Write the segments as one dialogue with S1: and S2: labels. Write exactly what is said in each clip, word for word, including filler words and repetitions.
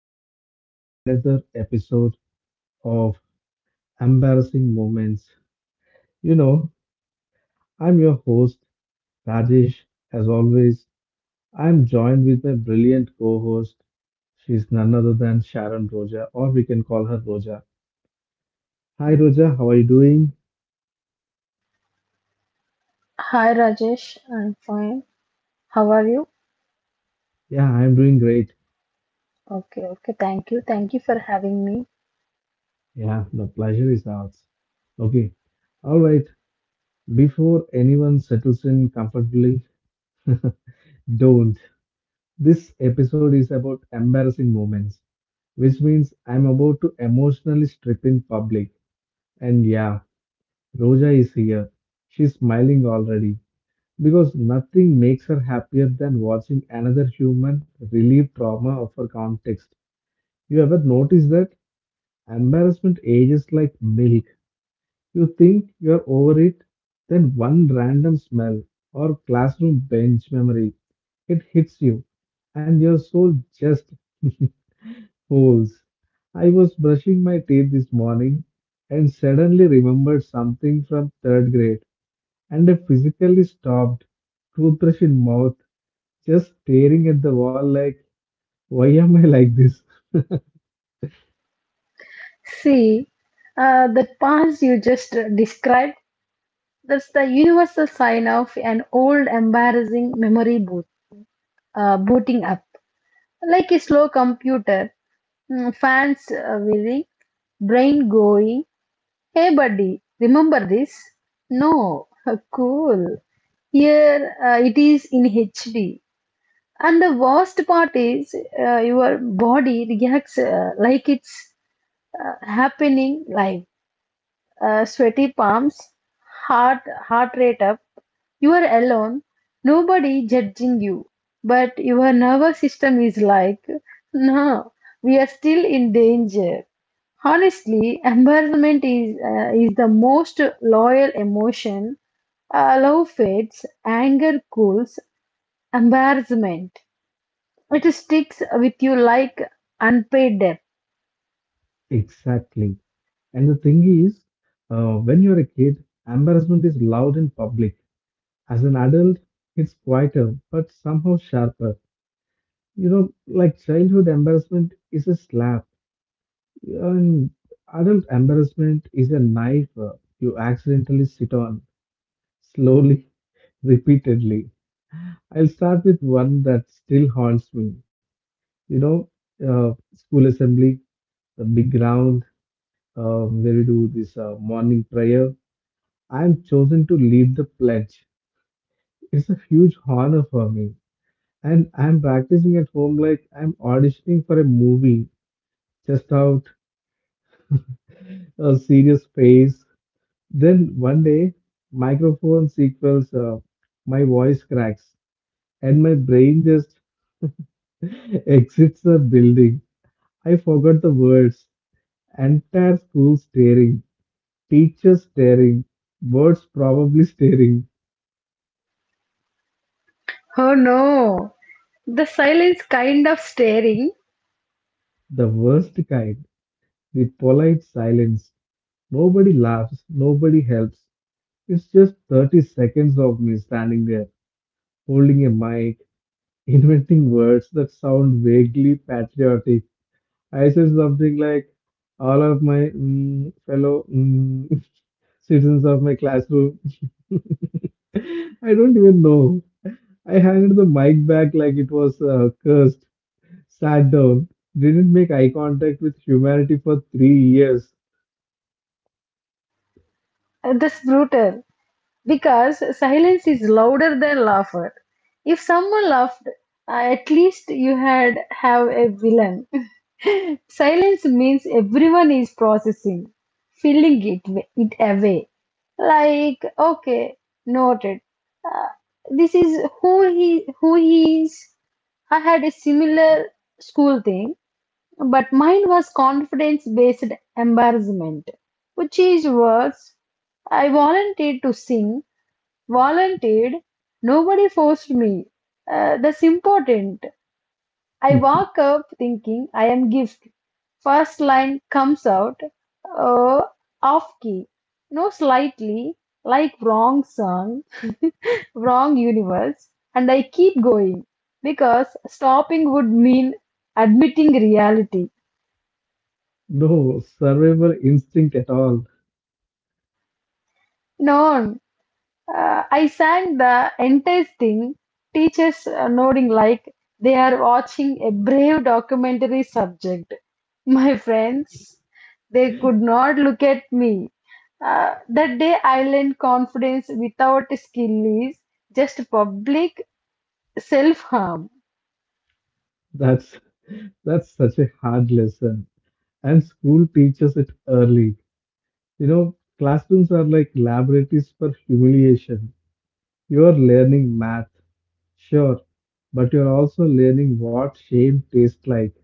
S1: welcome back to another episode of Embarrassing Moments. You know, I'm your host, Rajesh. As always, I'm joined with my brilliant co host. She's none other than Sharon Roja, or we can call her Roja. Hi, Roja, how are you doing?
S2: Hi Rajesh, I'm fine. How are you?
S1: Yeah, I'm doing great.
S2: Okay, okay, thank you. Thank you for having me.
S1: Yeah, the pleasure is ours. Okay, all right. Before anyone settles in comfortably, don't. This episode is about embarrassing moments, which means I'm about to emotionally strip in public. And yeah, Roja is here. She's smiling already because nothing makes her happier than watching another human relieve trauma of her context. You ever notice that? Embarrassment ages like milk. You think you're over it, then one random smell or classroom bench memory, it hits you, and you're so just. Holes. I was brushing my teeth this morning and suddenly remembered something from third grade, and I physically stopped, toothbrush in mouth, just staring at the wall like, why am I like this?
S2: See, uh, that past you just uh, described, that's the universal sign of an old embarrassing memory boot, uh, booting up. Like a slow computer, mm, fans uh, wheeling, brain going, hey buddy, remember this? No, cool. Here uh, it is in H D. And the worst part is uh, your body reacts uh, like it's uh, happening live. Uh, sweaty palms, heart heart rate up. You are alone, nobody judging you, but your nervous system is like, no, we are still in danger. Honestly, embarrassment is uh, is the most loyal emotion. Uh, love fades, anger cools, embarrassment. It sticks with you like unpaid debt.
S1: Exactly. And the thing is, uh, when you're a kid, embarrassment is loud and public. As an adult, it's quieter, but somehow sharper. You know, like childhood embarrassment is a slap. And adult embarrassment is a knife uh, you accidentally sit on slowly, repeatedly. I'll start with one that still haunts me. You know, uh, school assembly, the big ground uh, where we do this uh, morning prayer. I'm chosen to lead the pledge. It's a huge honor for me. And I'm practicing at home like I'm auditioning for a movie, just out a serious face. Then one day, microphone sequels, uh, my voice cracks and my brain just exits the building. I forgot the words. Entire school staring, teachers staring, birds probably staring.
S2: Oh no, the silence kind of staring.
S1: The worst kind, the polite silence. Nobody laughs, nobody helps. It's just thirty seconds of me standing there, holding a mic, inventing words that sound vaguely patriotic. I said something like, all of my mm, fellow mm, citizens of my classroom. I don't even know. I handed the mic back like it was uh, cursed, sat down, didn't make eye contact with humanity for three years.
S2: That's brutal. Because silence is louder than laughter. If someone laughed, uh, at least you had have a villain. Silence means everyone is processing, filling it it away. Like okay, noted. Uh, this is who he who he is. I had a similar school thing, but mine was confidence based embarrassment, which is worse. I volunteered to sing. Volunteered. Nobody forced me. Uh, that's important. I walk up thinking I am gift. First line comes out uh, off key. No, slightly like wrong song, wrong universe, and I keep going because stopping would mean admitting reality.
S1: No survivor instinct at all.
S2: No, uh, I sang the entire thing, teachers uh, nodding like they are watching a brave documentary subject. My friends, they could not look at me. Uh, that day I learned confidence without skill is just public self harm.
S1: That's that's such a hard lesson. And school teaches it early. You know, classrooms are like laboratories for humiliation. You're learning math, sure, but you're also learning what shame tastes like.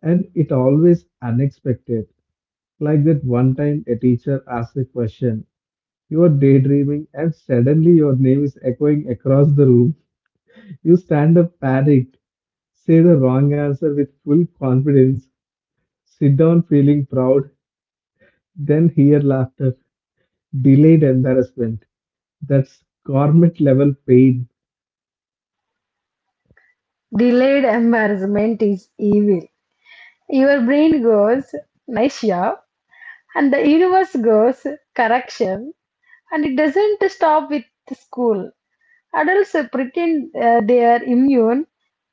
S1: And it always unexpected. Like that one time a teacher asked a question. You are daydreaming and suddenly your name is echoing across the room. You stand up panicked, say the wrong answer with full confidence, sit down feeling proud, then hear laughter, delayed embarrassment. That's government level pain.
S2: Delayed embarrassment is evil. Your brain goes, nice job, and the universe goes, correction, and it doesn't stop with school. Adults uh, pretend uh, they are immune,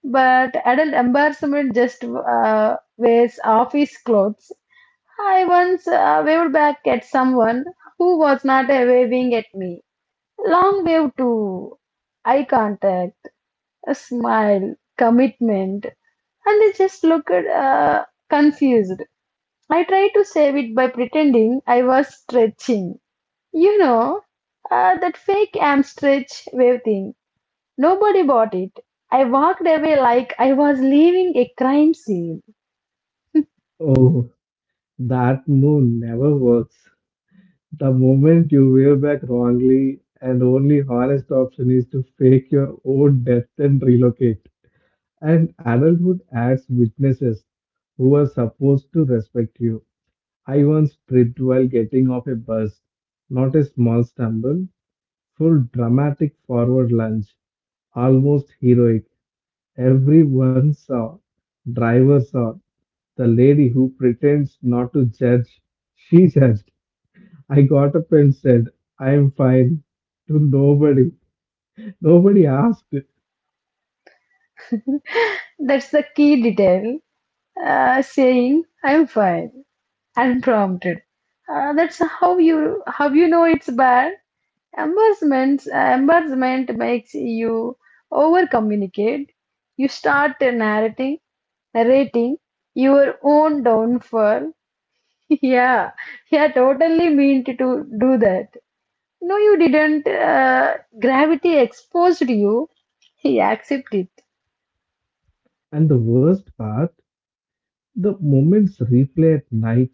S2: but adult embarrassment just uh, wears office clothes. I once uh, waved back at someone who was not uh, waving at me. Long wave too. Eye contact, a smile, commitment. And they just looked uh, confused. I tried to save it by pretending I was stretching. You know, uh, that fake am stretch wave thing. Nobody bought it. I walked away like I was leaving a crime scene.
S1: Oh, that move never works. The moment you wear back wrongly, and only honest option is to fake your own death and relocate. And adulthood adds witnesses who are supposed to respect you. I once tripped while getting off a bus, not a small stumble, full dramatic forward lunge, almost heroic. Everyone saw, driver saw, the lady who pretends not to judge, she judged. I got up and said, I am fine to nobody. Nobody asked.
S2: That's the key detail. Uh, saying, I'm fine. Unprompted. Uh, that's how you how you know it's bad. Embarrassment uh, embarrassment makes you over communicate. You start narrating narrating your own downfall. Yeah, yeah, totally meant to do that. No, you didn't. Uh, gravity exposed you. He accepted it.
S1: And the worst part, the moments replay at night,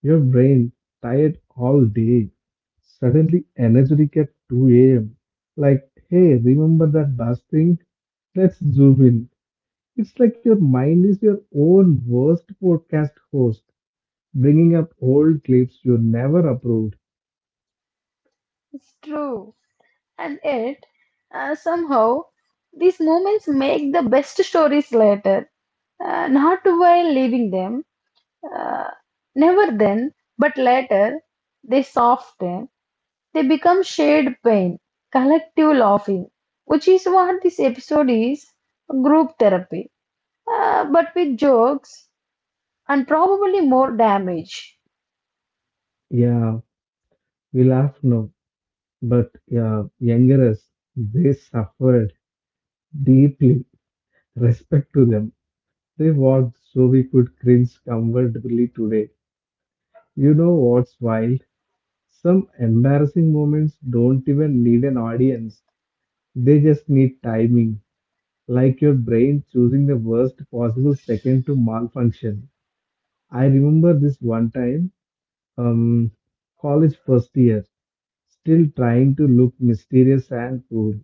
S1: your brain tired all day, suddenly energetic at two a m. Like, hey, remember that bus thing? Let's zoom in. It's like your mind is your own worst podcast host, bringing up old clips you never approved.
S2: It's true, and yet uh, somehow these moments make the best stories later, uh, not while leaving them, uh, never then, but later they soften, they become shared pain, collective laughing, which is what this episode is, group therapy, uh, but with jokes and probably more damage.
S1: Yeah, we laugh now. But yeah, younger us, they suffered deeply. Respect to them. They walked so we could cringe comfortably today. You know what's wild? Some embarrassing moments don't even need an audience. They just need timing, like your brain choosing the worst possible second to malfunction. I remember this one time, um, college first year, still trying to look mysterious and cool.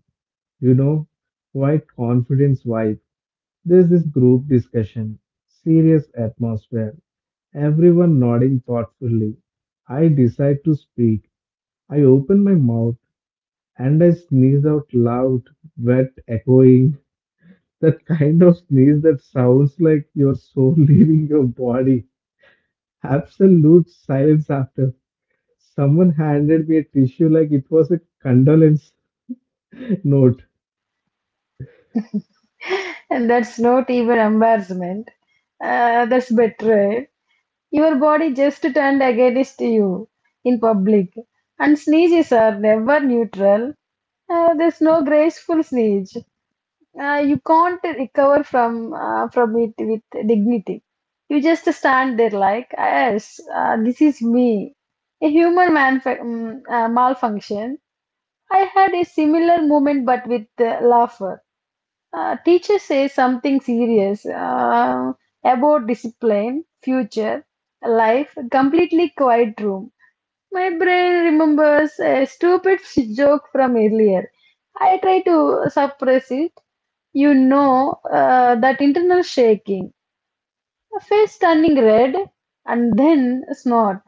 S1: You know, quite confidence vibe. There's this group discussion, serious atmosphere, everyone nodding thoughtfully. I decide to speak. I open my mouth and I sneeze out loud, wet, echoing. That kind of sneeze that sounds like your soul leaving your body. Absolute silence after. Someone handed me a tissue like it was a condolence note.
S2: And that's not even embarrassment, uh, that's betrayal. Your body just turned against you in public, and sneezes are never neutral. Uh, there's no graceful sneeze. Uh, you can't recover from uh, from it with dignity. You just stand there like, yes, uh, this is me, a human manf- mm, uh, malfunction. I had a similar moment, but with uh, laughter. Uh, teacher says something serious uh, about discipline, future, life. Completely quiet room. My brain remembers a stupid joke from earlier. I try to suppress it, you know uh, that internal shaking, a face turning red, and then a snort,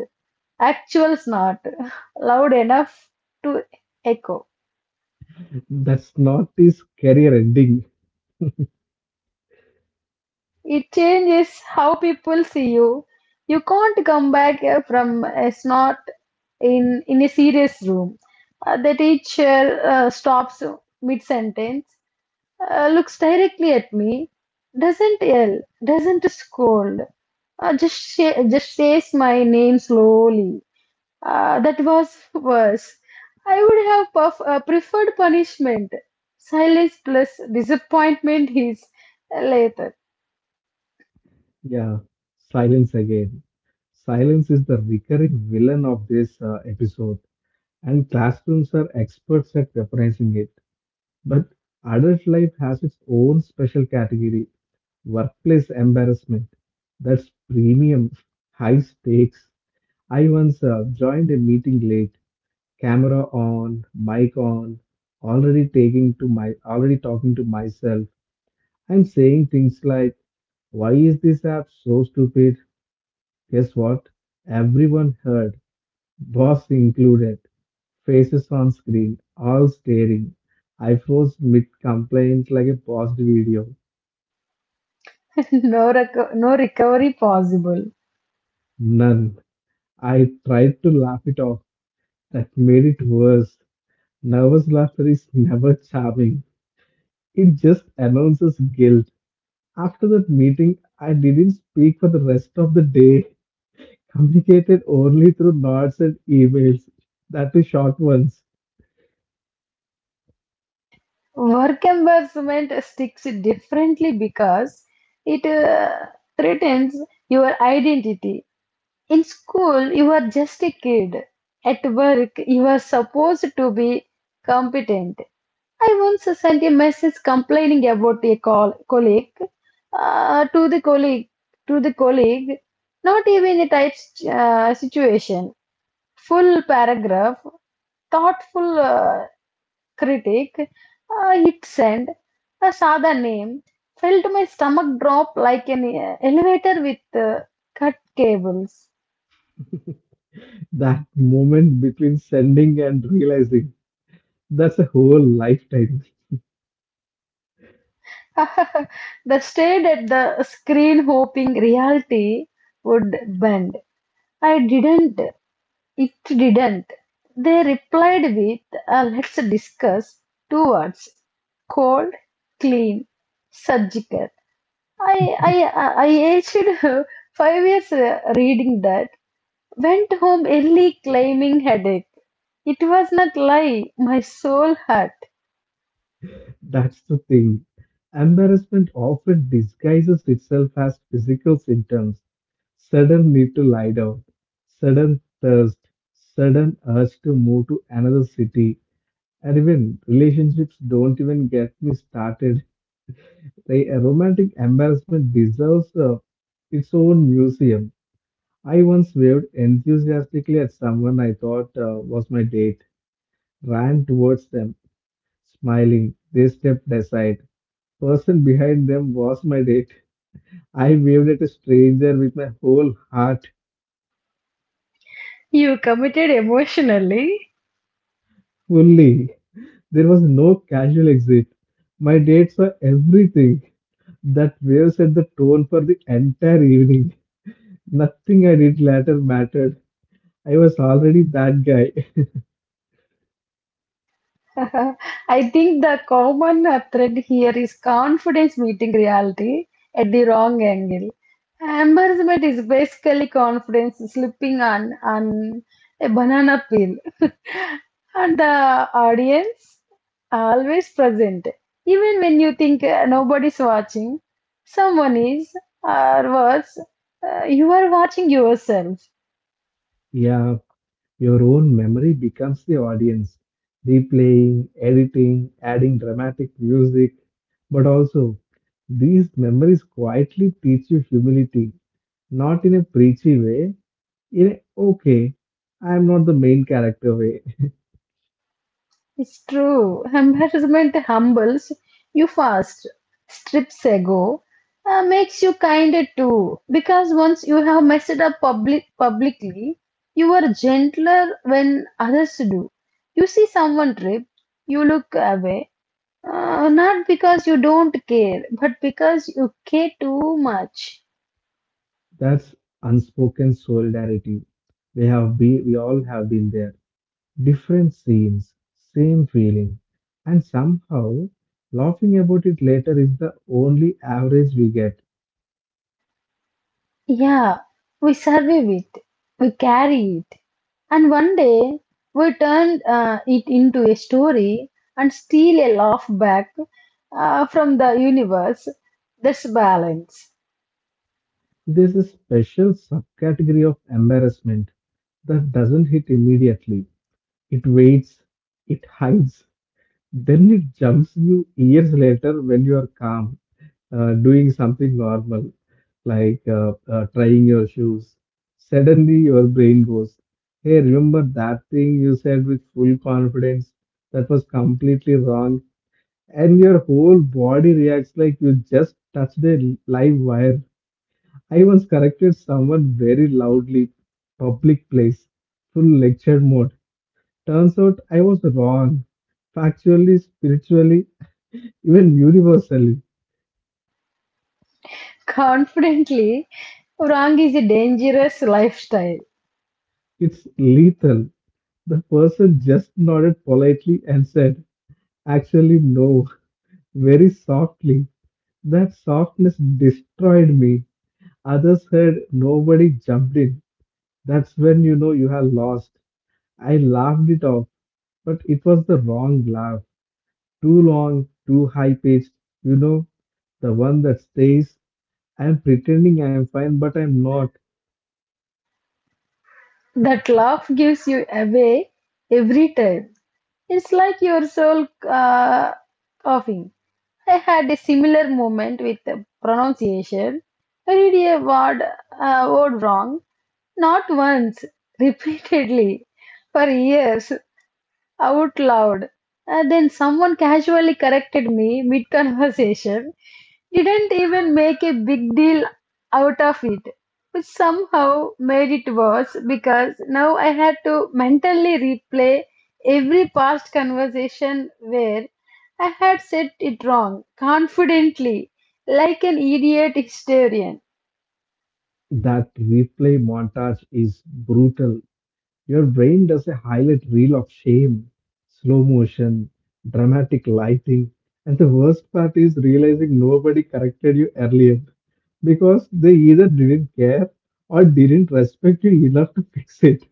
S2: actual snort, loud enough to echo.
S1: That's not his career ending.
S2: It changes how people see you. You can't come back uh, from a snort in, in a serious room. Uh, the teacher uh, stops mid sentence, uh, looks directly at me, doesn't yell, doesn't scold, uh, just, sh- just says my name slowly. Ah, that was worse. I would have puff, uh, preferred punishment. Silence plus disappointment is later.
S1: Yeah, silence again. Silence is the recurring villain of this uh, episode, and classrooms are experts at weaponizing it. But adult life has its own special category workplace embarrassment. That's premium, high stakes. I once uh, joined a meeting late, camera on, mic on, already taking to my, already talking to myself. I'm saying things like, why is this app so stupid? Guess what? Everyone heard, boss included. Faces on screen, all staring. I froze mid complaint like a paused video.
S2: No, reco- no recovery possible.
S1: None. I tried to laugh it off. That made it worse. Nervous laughter is never charming. It just announces guilt. After that meeting, I didn't speak for the rest of the day. Communicated only through nods and emails. That too short ones.
S2: Work embarrassment sticks differently because it uh, threatens your identity. In school, you are just a kid. At work, you are supposed to be competent. I once sent a message complaining about a col- colleague, uh, to the colleague to the colleague. Not even a tight uh, situation. Full paragraph, thoughtful uh, critic. Uh, hit send. I saw the name. Felt my stomach drop like an uh, elevator with uh, cut cables.
S1: That moment between sending and realizing, that's a whole lifetime.
S2: That stared at the screen hoping reality would bend. I didn't. It didn't. They replied with a "let's discuss," two words, cold, clean, surgical. I, I, uh, I aged five years uh, reading that, went home early claiming headache. It was not lie, my soul hurt.
S1: That's the thing. Embarrassment often disguises itself as physical symptoms, sudden need to lie down, sudden thirst, sudden urge to move to another city, and even relationships don't even get me started. They, a romantic embarrassment deserves uh, its own museum. I once waved enthusiastically at someone I thought uh, was my date, ran towards them, smiling. They stepped aside. Person behind them was my date. I waved at a stranger with my whole heart,
S2: You committed emotionally.
S1: fully. There was no casual exit. My dates were everything. That wave set the tone for the entire evening. Nothing I did later mattered. I was already that guy.
S2: I think the common uh, thread here is confidence meeting reality at the wrong angle. Embarrassment is basically confidence slipping on, on a banana peel. And the audience are always present. Even when you think uh, nobody's watching, someone is, or worse, uh, you are watching yourself.
S1: Yeah, your own memory becomes the audience, replaying, editing, adding dramatic music. But also, these memories quietly teach you humility, not in a preachy way, in a okay, I am not the main character way.
S2: It's true. Embarrassment humbles you fast, strips ego, uh, makes you kinder too. Because once you have messed up public publicly, you are gentler when others do. You see someone trip, you look away. Uh, not because you don't care, but because you care too much.
S1: That's unspoken solidarity. We have been, we all have been there. Different scenes, same feeling, and somehow laughing about it later is the only average we get.
S2: Yeah, we survive it, we carry it, and one day we turn uh, it into a story and steal a laugh back uh, from the universe. That's balance.
S1: There's a special subcategory of embarrassment that doesn't hit immediately. It waits, it hides, then it jumps you years later when you are calm, uh, doing something normal, like uh, uh, trying your shoes. Suddenly, your brain goes, hey, remember that thing you said with full confidence that was completely wrong? And your whole body reacts like you just touched a live wire. I once corrected someone very loudly, public place, full lecture mode. Turns out I was wrong, factually, spiritually, even universally.
S2: Confidently, wrong is a dangerous lifestyle.
S1: It's lethal. The person just nodded politely and said, actually, no, very softly. That softness destroyed me. Others heard, nobody jumped in. That's when you know you have lost. I laughed it off, but it was the wrong laugh. Too long, too high paced, you know, the one that stays, I'm pretending I'm fine, but I'm not.
S2: That laugh gives you away every time. It's like your soul uh, coughing. I had a similar moment with the pronunciation. I read a word, uh, word wrong, not once, repeatedly, for years, out loud. And then someone casually corrected me mid conversation, didn't even make a big deal out of it, which somehow made it worse because now I had to mentally replay every past conversation where I had said it wrong confidently, like an idiot historian.
S1: That replay montage is brutal. Your brain does a highlight reel of shame, slow motion, dramatic lighting, and the worst part is realizing nobody corrected you earlier because they either didn't care or didn't respect you enough to fix it.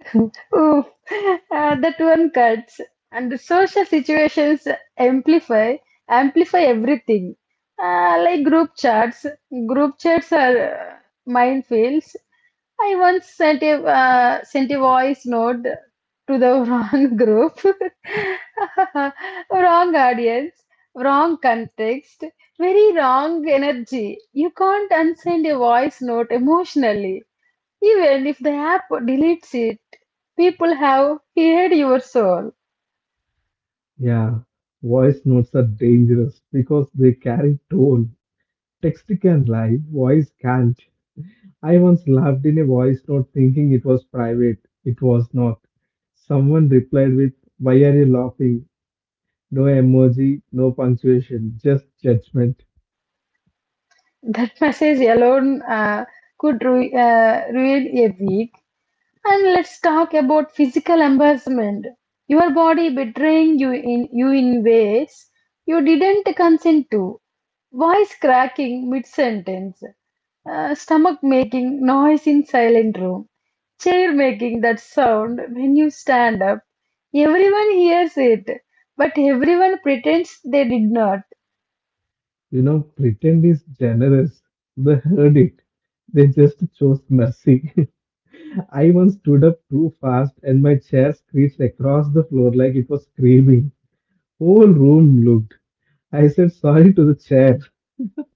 S2: Ooh, uh, that one cuts. And the social situations amplify amplify everything. Uh, like group chats. Group chats are uh, minefields. I once sent a uh, sent a voice note to the wrong group, wrong audience, wrong context, very wrong energy. You can't unsend a voice note emotionally. Even if the app deletes it, people have heard your soul.
S1: Yeah, voice notes are dangerous because they carry tone. Text can lie, voice can't. I once laughed in a voice note thinking it was private. It was not. Someone replied with, why are you laughing? No emoji, no punctuation, just judgment.
S2: That message alone uh, could ru- uh, ruin a. And let's talk about physical embarrassment. Your body betraying you in you in ways you didn't consent to. Voice cracking mid sentence. Stomach making noise in silent room. Chair making that sound when you stand up. Everyone hears it, but everyone pretends they did not.
S1: You know, pretend is generous. They heard it. They just chose mercy. I once stood up too fast and my chair screeched across the floor like it was screaming. Whole room looked. I said sorry to the chair.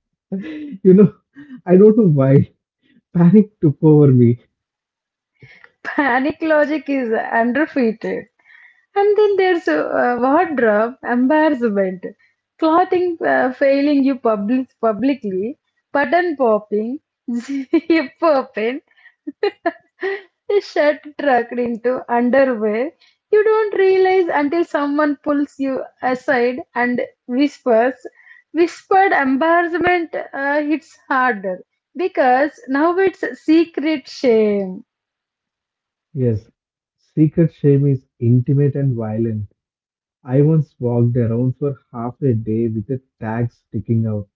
S1: You know, I don't know why. Panic took over me.
S2: Panic logic is underfeated. And then there's uh, wardrobe embarrassment, clothing uh, failing you public publicly, button popping, zip open, shirt tucked into underwear. You don't realize until someone pulls you aside and whispers. Whispered embarrassment uh, hits harder because now it's secret shame.
S1: Yes, secret shame is intimate and violent. I once walked around for half a day with a tag sticking out.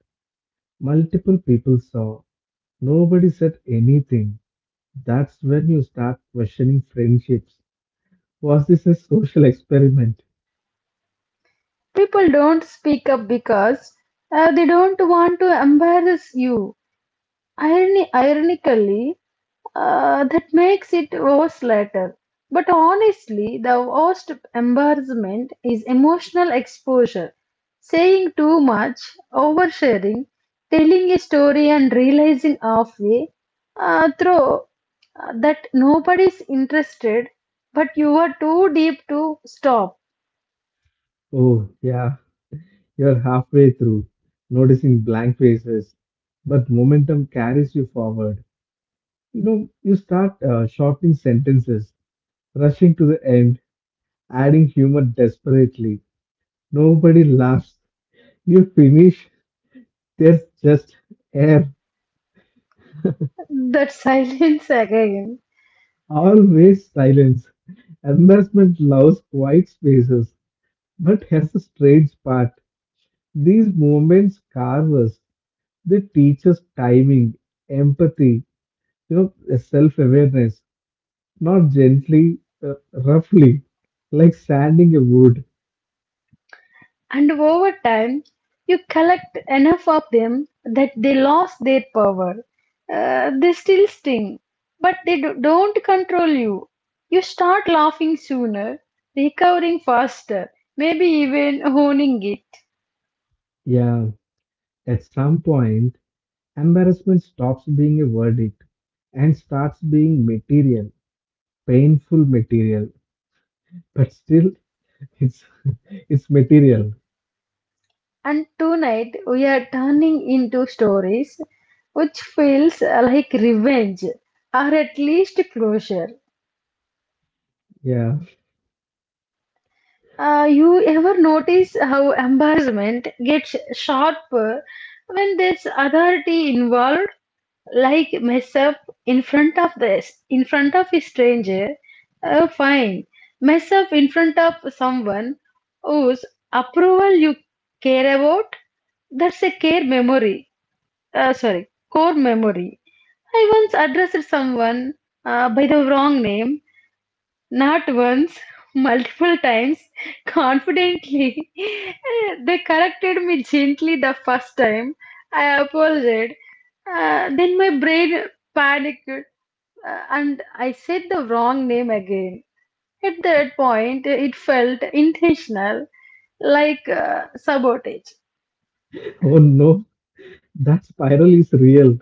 S1: Multiple people saw. Nobody said anything. That's when you start questioning friendships. Was this a social experiment?
S2: People don't speak up because uh, they don't want to embarrass you. Irony, ironically, uh, that makes it worse later. But honestly, the worst embarrassment is emotional exposure. Saying too much, oversharing, telling a story and realizing halfway uh, through uh, that nobody's interested, but you are too deep to stop.
S1: Oh, yeah, you're halfway through, noticing blank faces. But momentum carries you forward. You know, you start uh, shortening sentences, rushing to the end adding humor desperately. Nobody laughs. You finish, there's just air,
S2: That silence again.
S1: always silence. Embarrassment loves quiet spaces, but has a strange part. These moments carve us. They teach us timing, empathy, you know, self-awareness, not gently, uh, roughly, like sanding a wood.
S2: And over time, you collect enough of them that they lost their power. Uh, they still sting, but they do- don't control you. You start laughing sooner, recovering faster, maybe even owning it.
S1: Yeah, at some point, embarrassment stops being a verdict and starts being material, painful material, but still it's it's material.
S2: And tonight we are turning into stories which feels uh, like revenge or at least closure.
S1: Yeah.
S2: Uh, you ever notice how embarrassment gets sharper when there's authority involved, like mess up in front of this, in front of a stranger? Uh, fine. Mess up in front of someone whose approval you care about? That's a care memory. Uh, sorry, core memory. I once addressed someone uh, by the wrong name, not once, multiple times, confidently. Eh, They corrected me gently the first time. I apologized. Uh, then my brain panicked uh, and I said the wrong name again. At that point, it felt intentional, like uh, sabotage.
S1: Oh no, that spiral is real.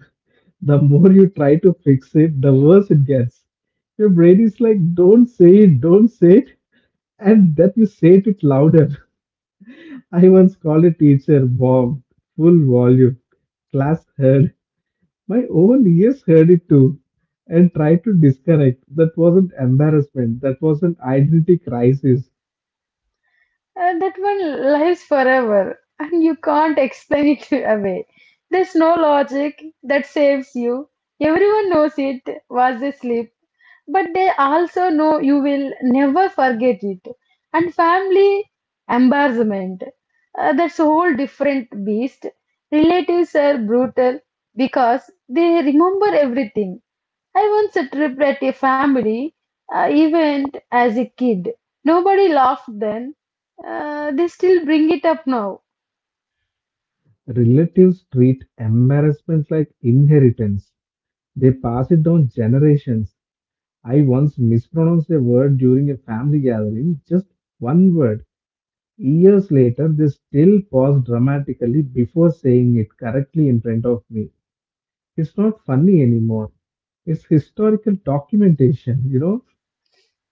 S1: The more you try to fix it, the worse it gets. Your brain is like, don't say it, don't say it, and then you say it louder. I once called a teacher, Bob, full volume. Class heard. My own ears heard it too and tried to disconnect. That wasn't embarrassment, that was an identity crisis.
S2: Uh, that one lives forever and you can't explain it away. There's no logic that saves you. Everyone knows it was asleep, but they also know you will never forget it. And family embarrassment. Uh, that's a whole different beast. Relatives are brutal because they remember everything. I once tripped at a family uh, event as a kid. Nobody laughed then, uh, they still bring it up now.
S1: Relatives treat embarrassment like inheritance, they pass it down generations. I once mispronounced a word during a family gathering, just one word. Years later, they still pause dramatically before saying it correctly in front of me. It's not funny anymore. It's historical documentation, you know.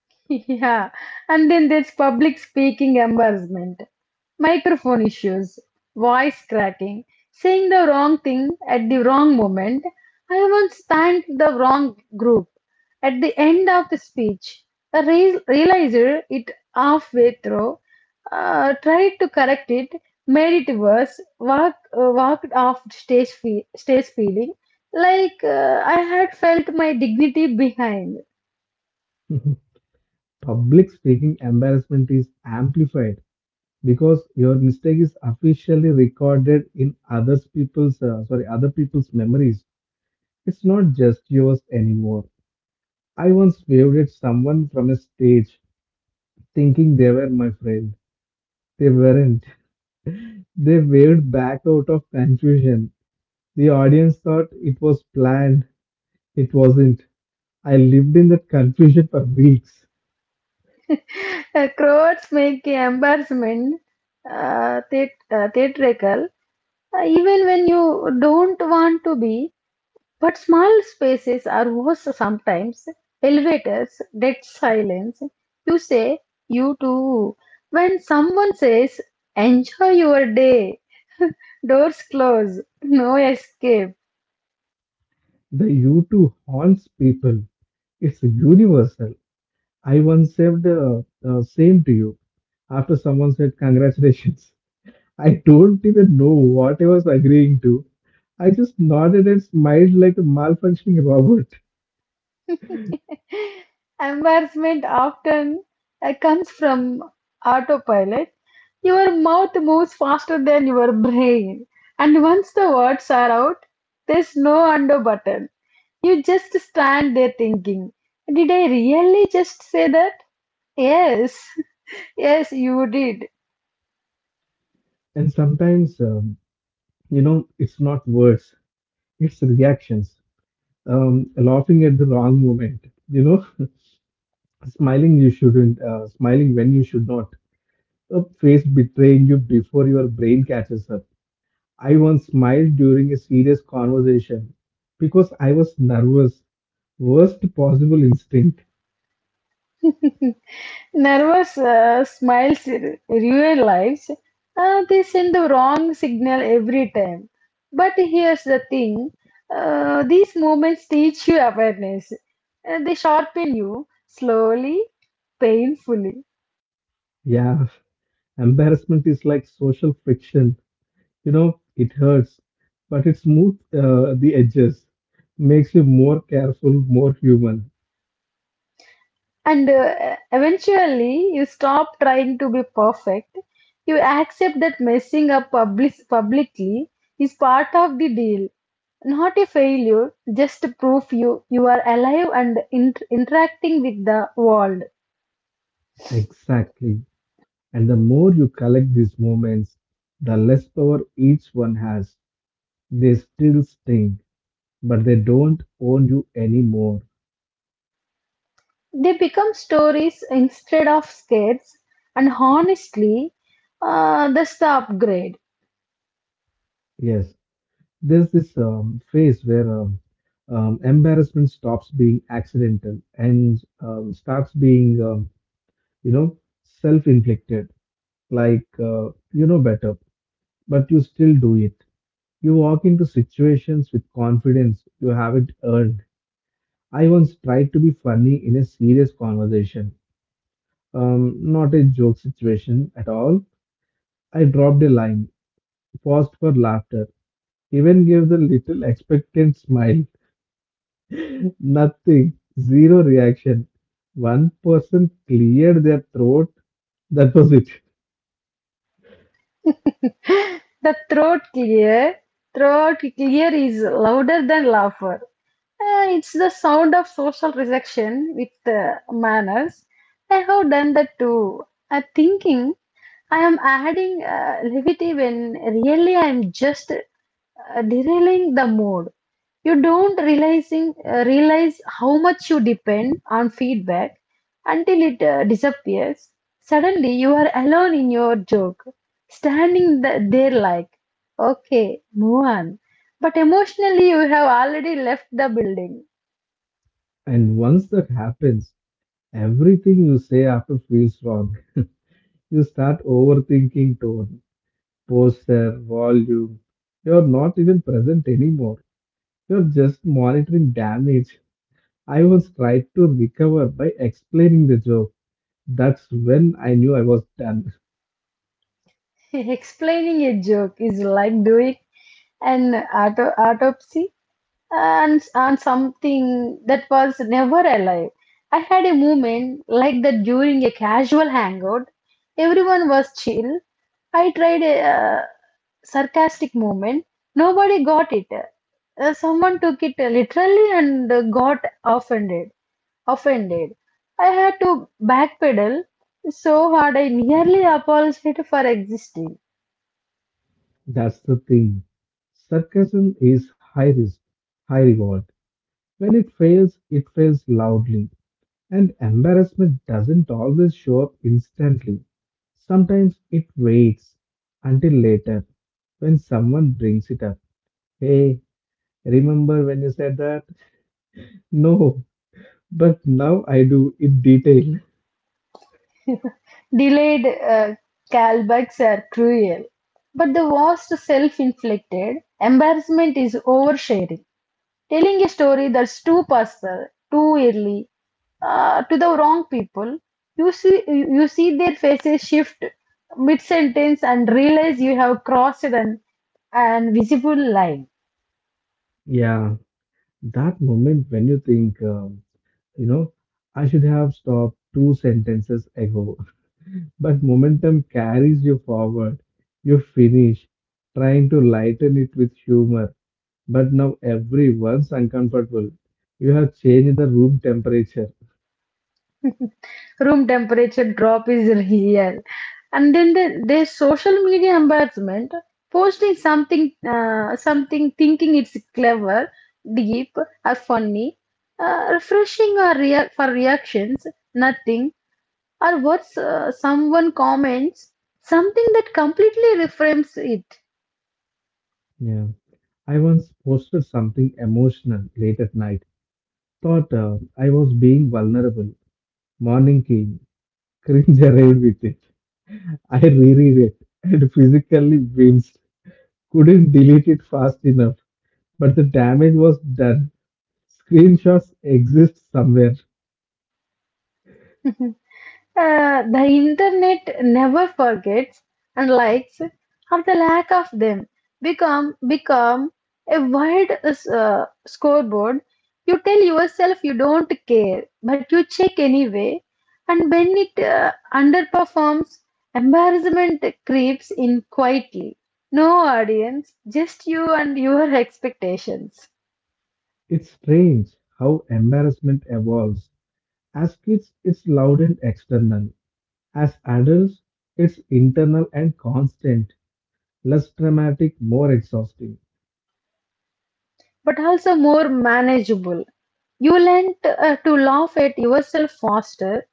S2: Yeah, and then there's public speaking embarrassment, microphone issues, voice cracking, saying the wrong thing at the wrong moment. I once thanked the wrong group at the end of the speech. I re- realized it halfway through, uh, tried to correct it, made it worse, walked, uh, walked off stage, fe- stage feeling like uh, I had felt my dignity behind.
S1: Public speaking embarrassment is amplified because your mistake is officially recorded in other people's uh, sorry other people's memories. It's not just yours anymore. I once waved at someone from a stage, thinking they were my friend. They weren't. They waved back out of confusion. The audience thought it was planned. It wasn't. I lived in that confusion for weeks.
S2: Uh, crowds make embarrassment uh, theat- uh, theatrical, uh, even when you don't want to be. But small spaces are worse sometimes. Elevators, dead silence. You say, you too. When someone says, enjoy your day, doors close, no escape.
S1: The U two haunts people. It's universal. I once saved the uh, same to you after someone said congratulations. I don't even know what I was agreeing to. I just nodded and smiled like a malfunctioning robot.
S2: Embarrassment often uh, comes from autopilot. Your mouth moves faster than your brain. And once the words are out, there's no undo button. You just stand there thinking, did I really just say that? Yes, yes, you did.
S1: And sometimes, um, you know, it's not words, it's reactions. Um, laughing at the wrong moment, you know, smiling you shouldn't, uh, smiling when you should not. A face betraying you before your brain catches up. I once smiled during a serious conversation because I was nervous. Worst possible instinct.
S2: Nervous uh, smiles r- ruin lives. Uh, they send the wrong signal every time. But here's the thing, uh, these moments teach you awareness. Uh, they sharpen you slowly, painfully.
S1: Yeah, embarrassment is like social friction. You know, it hurts, but it smooths uh, the edges, makes you more careful, more human.
S2: And uh, eventually, you stop trying to be perfect. You accept that messing up public- publicly is part of the deal. Not a failure, just proof you, you are alive and int- interacting with the world.
S1: Exactly. And the more you collect these moments, the less power each one has. They still sting, but they don't own you anymore.
S2: They become stories instead of scares, and honestly, uh, that's the upgrade.
S1: Yes. There's this um, phase where um, um, embarrassment stops being accidental and um, starts being, um, you know, self-inflicted. Like uh, you know better, but you still do it. You walk into situations with confidence you haven't earned. I once tried to be funny in a serious conversation, um, not a joke situation at all. I dropped a line, paused for laughter, even gave the little expectant smile. Nothing. Zero reaction. One person cleared their throat. That was it.
S2: The throat clear, throat clear is louder than laughter. Uh, it's the sound of social rejection with uh, manners. I have done that too. I'm thinking I am adding uh, levity when really I am just uh, derailing the mood. You don't realizing uh, realize how much you depend on feedback until it uh, disappears. Suddenly, you are alone in your joke standing th- there like, okay, move on. But emotionally, you have already left the building.
S1: And once that happens, everything you say after feels wrong. You start overthinking tone, posture, volume. You're not even present anymore. You're just monitoring damage. I was tried to recover by explaining the joke. That's when I knew I was done.
S2: Explaining a joke is like doing an auto- autopsy and on something that was never alive. I had a moment like that during a casual hangout. Everyone was chill. I tried a uh, sarcastic moment. Nobody got it. Uh, someone took it literally and uh, got offended. Offended. I had to backpedal so hard I nearly apologized for existing.
S1: That's the thing. Sarcasm is high risk, high reward. When it fails, it fails loudly, and embarrassment doesn't always show up instantly. Sometimes it waits until later when someone brings it up. Hey, remember when you said that? No, but now I do in detail.
S2: Delayed uh, callbacks are cruel, but the worst self inflicted embarrassment is oversharing, telling a story that's too personal, too early, uh, to the wrong people. You see you you see their faces shift mid sentence and realize you have crossed an, an visible line.
S1: Yeah, that moment when you think, um, you know, I should have stopped two sentences ago, but momentum carries you forward. You finish trying to lighten it with humor. But now everyone's uncomfortable. You have changed the room temperature.
S2: Room temperature drop is real. And then the, their social media embarrassment, posting something, uh, something thinking it's clever, deep, or funny, uh, refreshing or rea- for reactions, nothing, or what's uh, someone comments something that completely reframes it.
S1: Yeah. I once posted something emotional late at night. Thought uh, I was being vulnerable. Morning came. Cringe arrived with it. I reread it and physically winced. Couldn't delete it fast enough. But the damage was done. Screenshots exist somewhere.
S2: Uh, the internet never forgets, and likes or the lack of them become become a wide uh, scoreboard. You tell yourself you don't care, but you check anyway, and when it uh, underperforms, embarrassment creeps in quietly. No audience, just you and your expectations.
S1: It's strange how embarrassment evolves. As kids, it's loud and external. As adults, it's internal and constant, less dramatic, more exhausting.
S2: But also more manageable. You learn t- uh, to laugh at yourself faster.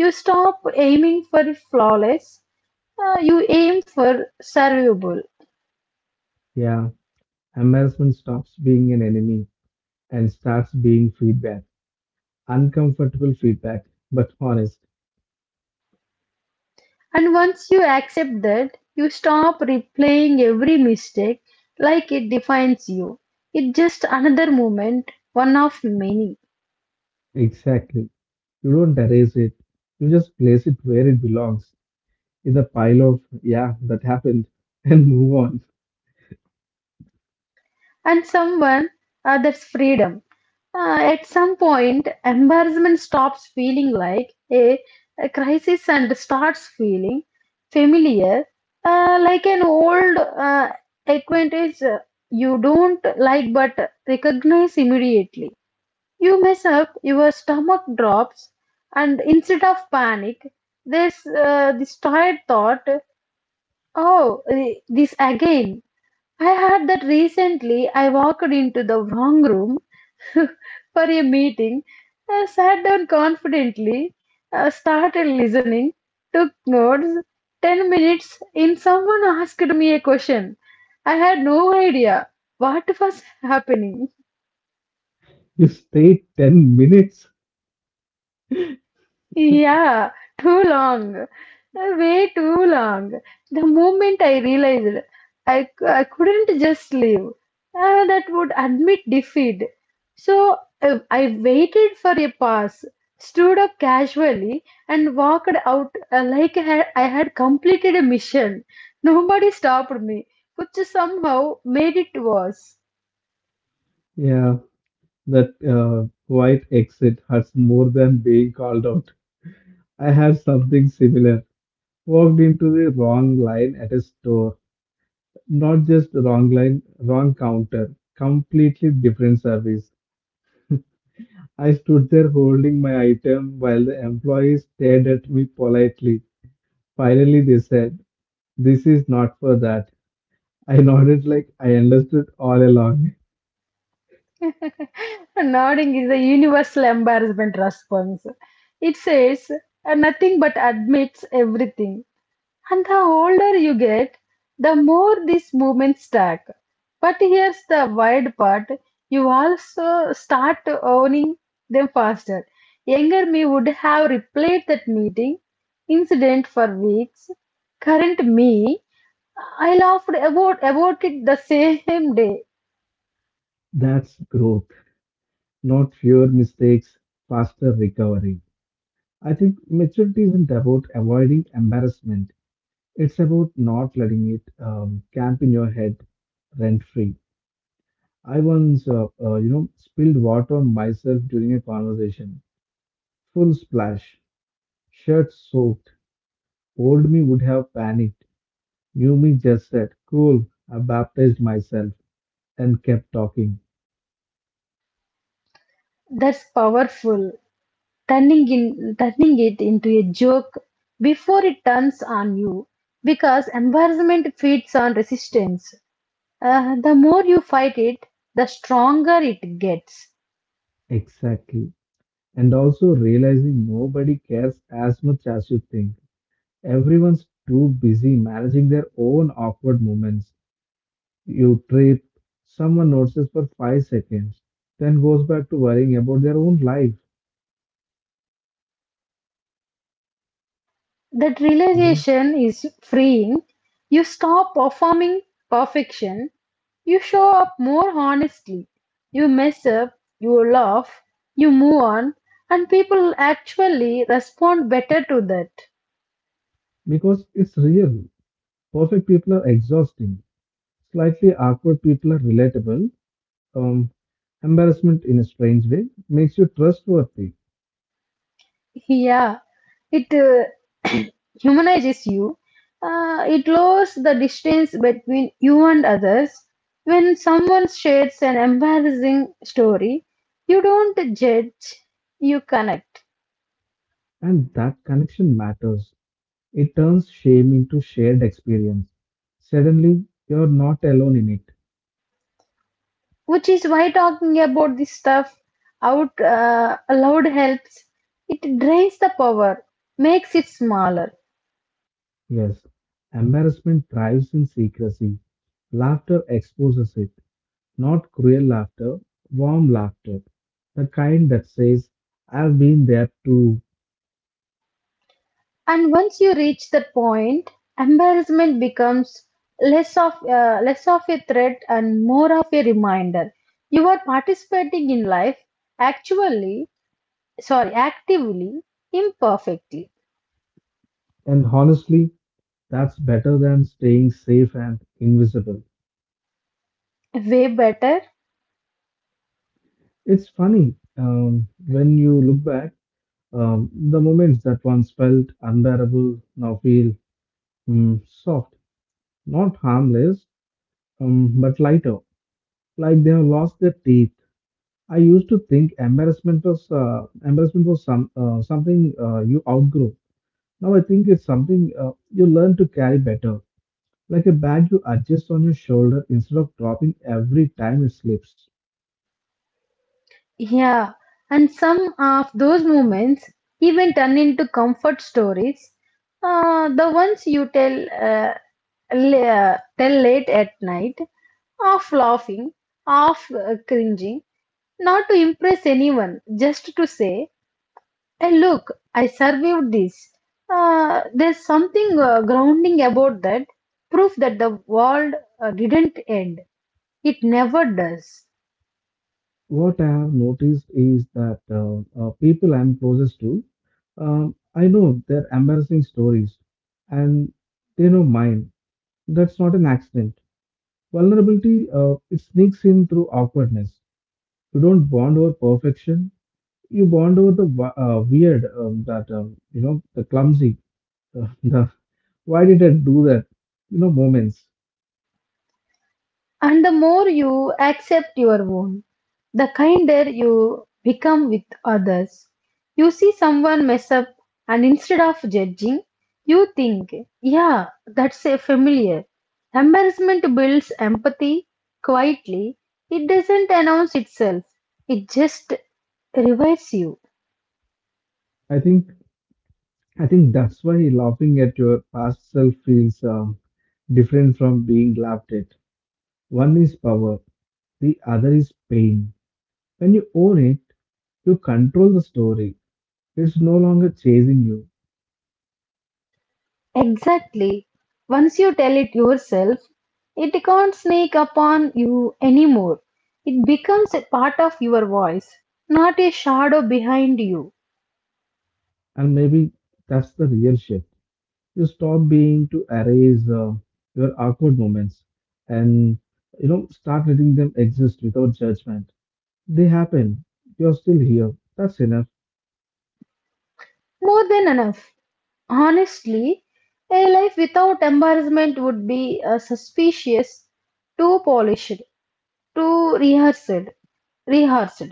S2: You stop aiming for flawless. Uh, you aim for survivable.
S1: Yeah, embarrassment stops being an enemy and starts being feedback. Uncomfortable feedback, but honest.
S2: And once you accept that, you stop replaying every mistake like it defines you. It's just another moment, one of many.
S1: Exactly. You don't erase it, you just place it where it belongs in the pile of, yeah, that happened, and move on.
S2: And someone, uh, that's freedom. Uh, at some point, embarrassment stops feeling like a a crisis and starts feeling familiar, uh, like an old uh, acquaintance uh, you don't like but recognize immediately. You mess up, your stomach drops, and instead of panic, there's uh, this tired thought, oh, eh, this again. I had that recently. I walked into the wrong room for a meeting, uh, sat down confidently, uh, started listening, took notes. Ten minutes in, someone asked me a question. I had no idea what was happening.
S1: You stay ten minutes.
S2: Yeah, too long, uh, way too long. The moment I realized I I c- I couldn't just sleep. Uh, that would admit defeat. So uh, I waited for a pass, stood up casually, and walked out uh, like I had, I had completed a mission. Nobody stopped me, which somehow made it worse.
S1: Yeah, that uh, quiet exit hurts more than being called out. I had something similar. Walked into the wrong line at a store. Not just wrong line, wrong counter. Completely different service. I stood there holding my item while the employees stared at me politely. Finally, they said, "This is not for that." I nodded like I understood all along.
S2: Nodding is a universal embarrassment response. It says uh, nothing but admits everything. And the older you get, the more these movements stack. But here's the wild part, you also start owning them faster. Younger me would have replayed that meeting incident for weeks. Current me, I laughed about, about it the same day.
S1: That's growth, not fewer mistakes, faster recovery. I think maturity isn't about avoiding embarrassment. It's about not letting it um, camp in your head rent free. I once, uh, uh, you know, spilled water on myself during a conversation. Full splash, shirt soaked. Old me would have panicked. New me just said, "Cool." I baptized myself and kept talking.
S2: That's powerful. Turning, in, turning it into a joke before it turns on you. Because embarrassment feeds on resistance. Uh, the more you fight it, the stronger it gets.
S1: Exactly. And also realizing nobody cares as much as you think. Everyone's too busy managing their own awkward moments. You trip, someone notices for five seconds, then goes back to worrying about their own life.
S2: That
S1: Mhm.
S2: realization is freeing. You stop performing perfection. You show up more honestly. You mess up, you laugh, you move on, and people actually respond better to that.
S1: Because it's real. Perfect people are exhausting. Slightly awkward people are relatable. Um, Embarrassment in a strange way makes you trustworthy.
S2: Yeah, it uh, humanizes you. Uh, it lowers the distance between you and others. When someone shares an embarrassing story, you don't judge, you connect.
S1: And that connection matters. It turns shame into shared experience. Suddenly, you're not alone in it.
S2: Which is why talking about this stuff out uh, aloud helps. It drains the power, makes it smaller.
S1: Yes, embarrassment thrives in secrecy. Laughter exposes it. Not cruel laughter, warm laughter. The kind that says, "I've been there too."
S2: And once you reach that point, embarrassment becomes less of uh, less of a threat and more of a reminder. You are participating in life actually, sorry, actively, imperfectly.
S1: And honestly, that's better than staying safe and invisible.
S2: Way better,
S1: It's funny, um, when you look back, um, the moments that once felt unbearable now feel mm, soft, not harmless, um, but lighter, like they have lost their teeth. I used to think embarrassment was uh, embarrassment was some uh, something uh, you outgrow. Now I think it's something uh, you learn to carry better, like a bag you adjust on your shoulder instead of dropping every time it slips.
S2: yeah. And some of those moments even turn into comfort stories. Uh, the ones you tell uh, la- tell late at night, half laughing, half uh, cringing. Not to impress anyone, just to say, hey, look, I survived this. Uh, there's something uh, grounding about that, proof that the world uh, didn't end. It never does.
S1: What I have noticed is that uh, uh, people I'm closest to, um, I know their embarrassing stories, and they know mine. That's not an accident. Vulnerability uh, it sneaks in through awkwardness. You don't bond over perfection. You bond over the wa- uh, weird, um, that um, you know, the clumsy, the "Why did I do that?" you know, moments.
S2: And the more you accept your own, the kinder you become with others. You see someone mess up, and instead of judging, you think, yeah, that's a familiar. Embarrassment builds empathy quietly. It doesn't announce itself, it just revives you.
S1: I think I think that's why laughing at your past self feels um, different from being laughed at. One is power, the other is pain. When you own it, you control the story. It's no longer chasing you,
S2: Exactly. Once you tell it yourself, it can't sneak upon you anymore. It becomes a part of your voice, not a shadow behind you.
S1: and maybe that's the real shift. You stop being to erase uh, your awkward moments, and you know start letting them exist without judgment. They happen. You're still here. That's enough.
S2: More than enough. Honestly, a life without embarrassment would be uh, suspicious, too polished, too rehearsed. Rehearsed.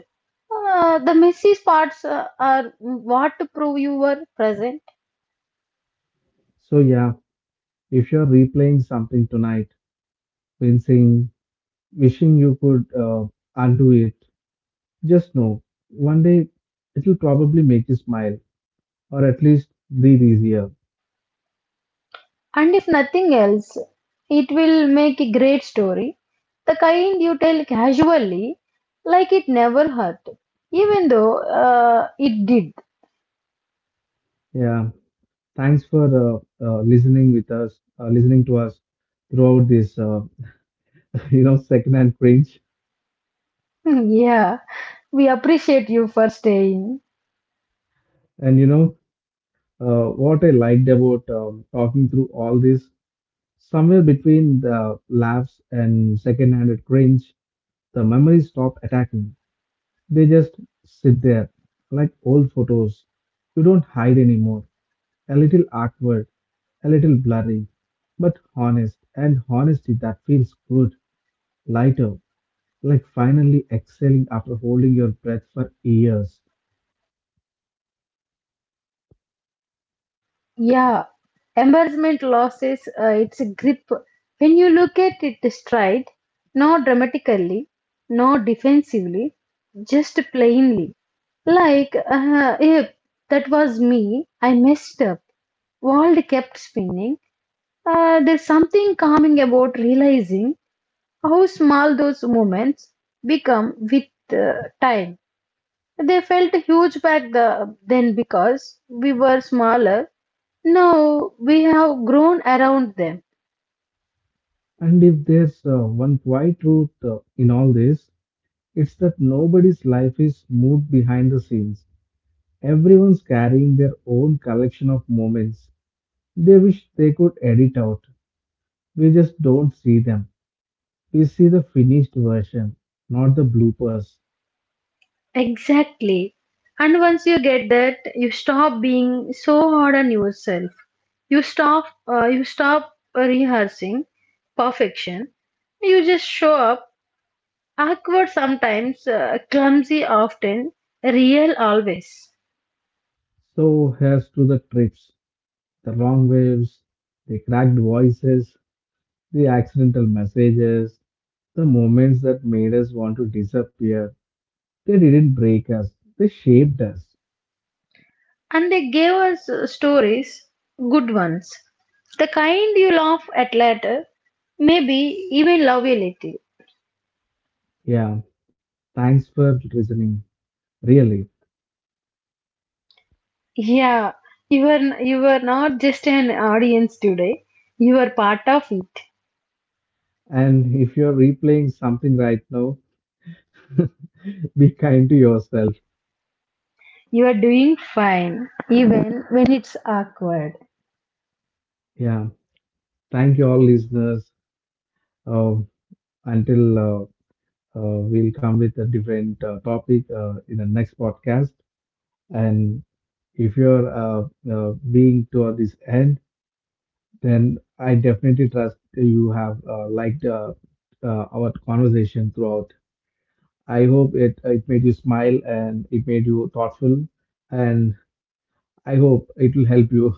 S2: Uh, the messy parts uh, are what to prove you were present.
S1: So yeah, if you're replaying something tonight, wincing, wishing you could uh, undo it, just know one day it'll probably make you smile or at least breathe easier.
S2: And if nothing else, it will make a great story, the kind you tell casually, like it never hurt, even though uh, it did.
S1: Yeah, thanks for uh, uh, listening with us, uh, listening to us throughout this, uh, you know, secondhand cringe.
S2: Yeah, we appreciate you for staying.
S1: And you know uh, what I liked about um, talking through all this, somewhere between the laughs and secondhand cringe, the memories stop attacking. They just sit there, like old photos. You don't hide anymore. A little awkward, a little blurry, but honest. And honesty that feels good, lighter, like finally exhaling after holding your breath for years.
S2: Yeah, embarrassment loses uh, its grip when you look at it straight, not dramatically, not defensively, just plainly. Like, uh, yep, that was me, I messed up. World kept spinning. Uh, there's something calming about realizing how small those moments become with uh, time. They felt huge back the, then because we were smaller. Now we have grown around them.
S1: And if there's uh, one quiet truth uh, in all this, it's that nobody's life is moved behind the scenes. Everyone's carrying their own collection of moments they wish they could edit out. We just don't see them. We see the finished version, not the bloopers.
S2: Exactly. And once you get that, you stop being so hard on yourself. You stop. Uh, you stop rehearsing perfection. You just show up awkward sometimes, uh, clumsy often, real always.
S1: So here's to the trips, the wrong waves, the cracked voices, the accidental messages, the moments that made us want to disappear. They didn't break us, they shaped us.
S2: And they gave us uh, stories, good ones. The kind you laugh at later, maybe even love a little.
S1: Yeah, thanks for listening, really.
S2: Yeah, you are, you are not just an audience today, you are part of it.
S1: And if you're replaying something right now, be kind to yourself.
S2: You are doing fine, even when it's awkward.
S1: Yeah, thank you all listeners. Uh, until uh, Uh, we'll come with a different uh, topic uh, in the next podcast. And if you're uh, uh, being toward this end, then I definitely trust you have uh, liked uh, uh, our conversation throughout. I hope it uh, it made you smile and it made you thoughtful, and I hope it will help you.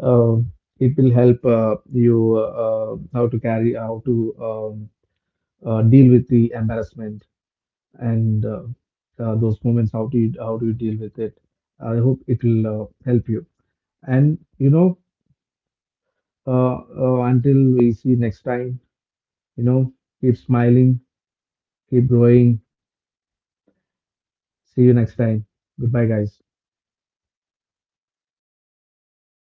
S1: Uh, it will help uh, you uh, uh, how to carry how to um, uh, deal with the embarrassment and uh, uh, those moments, how do you how do you deal with it. I hope it will uh, help you, and you know, uh, uh, until we see next time, you know, keep smiling, keep growing, see you next time, goodbye guys.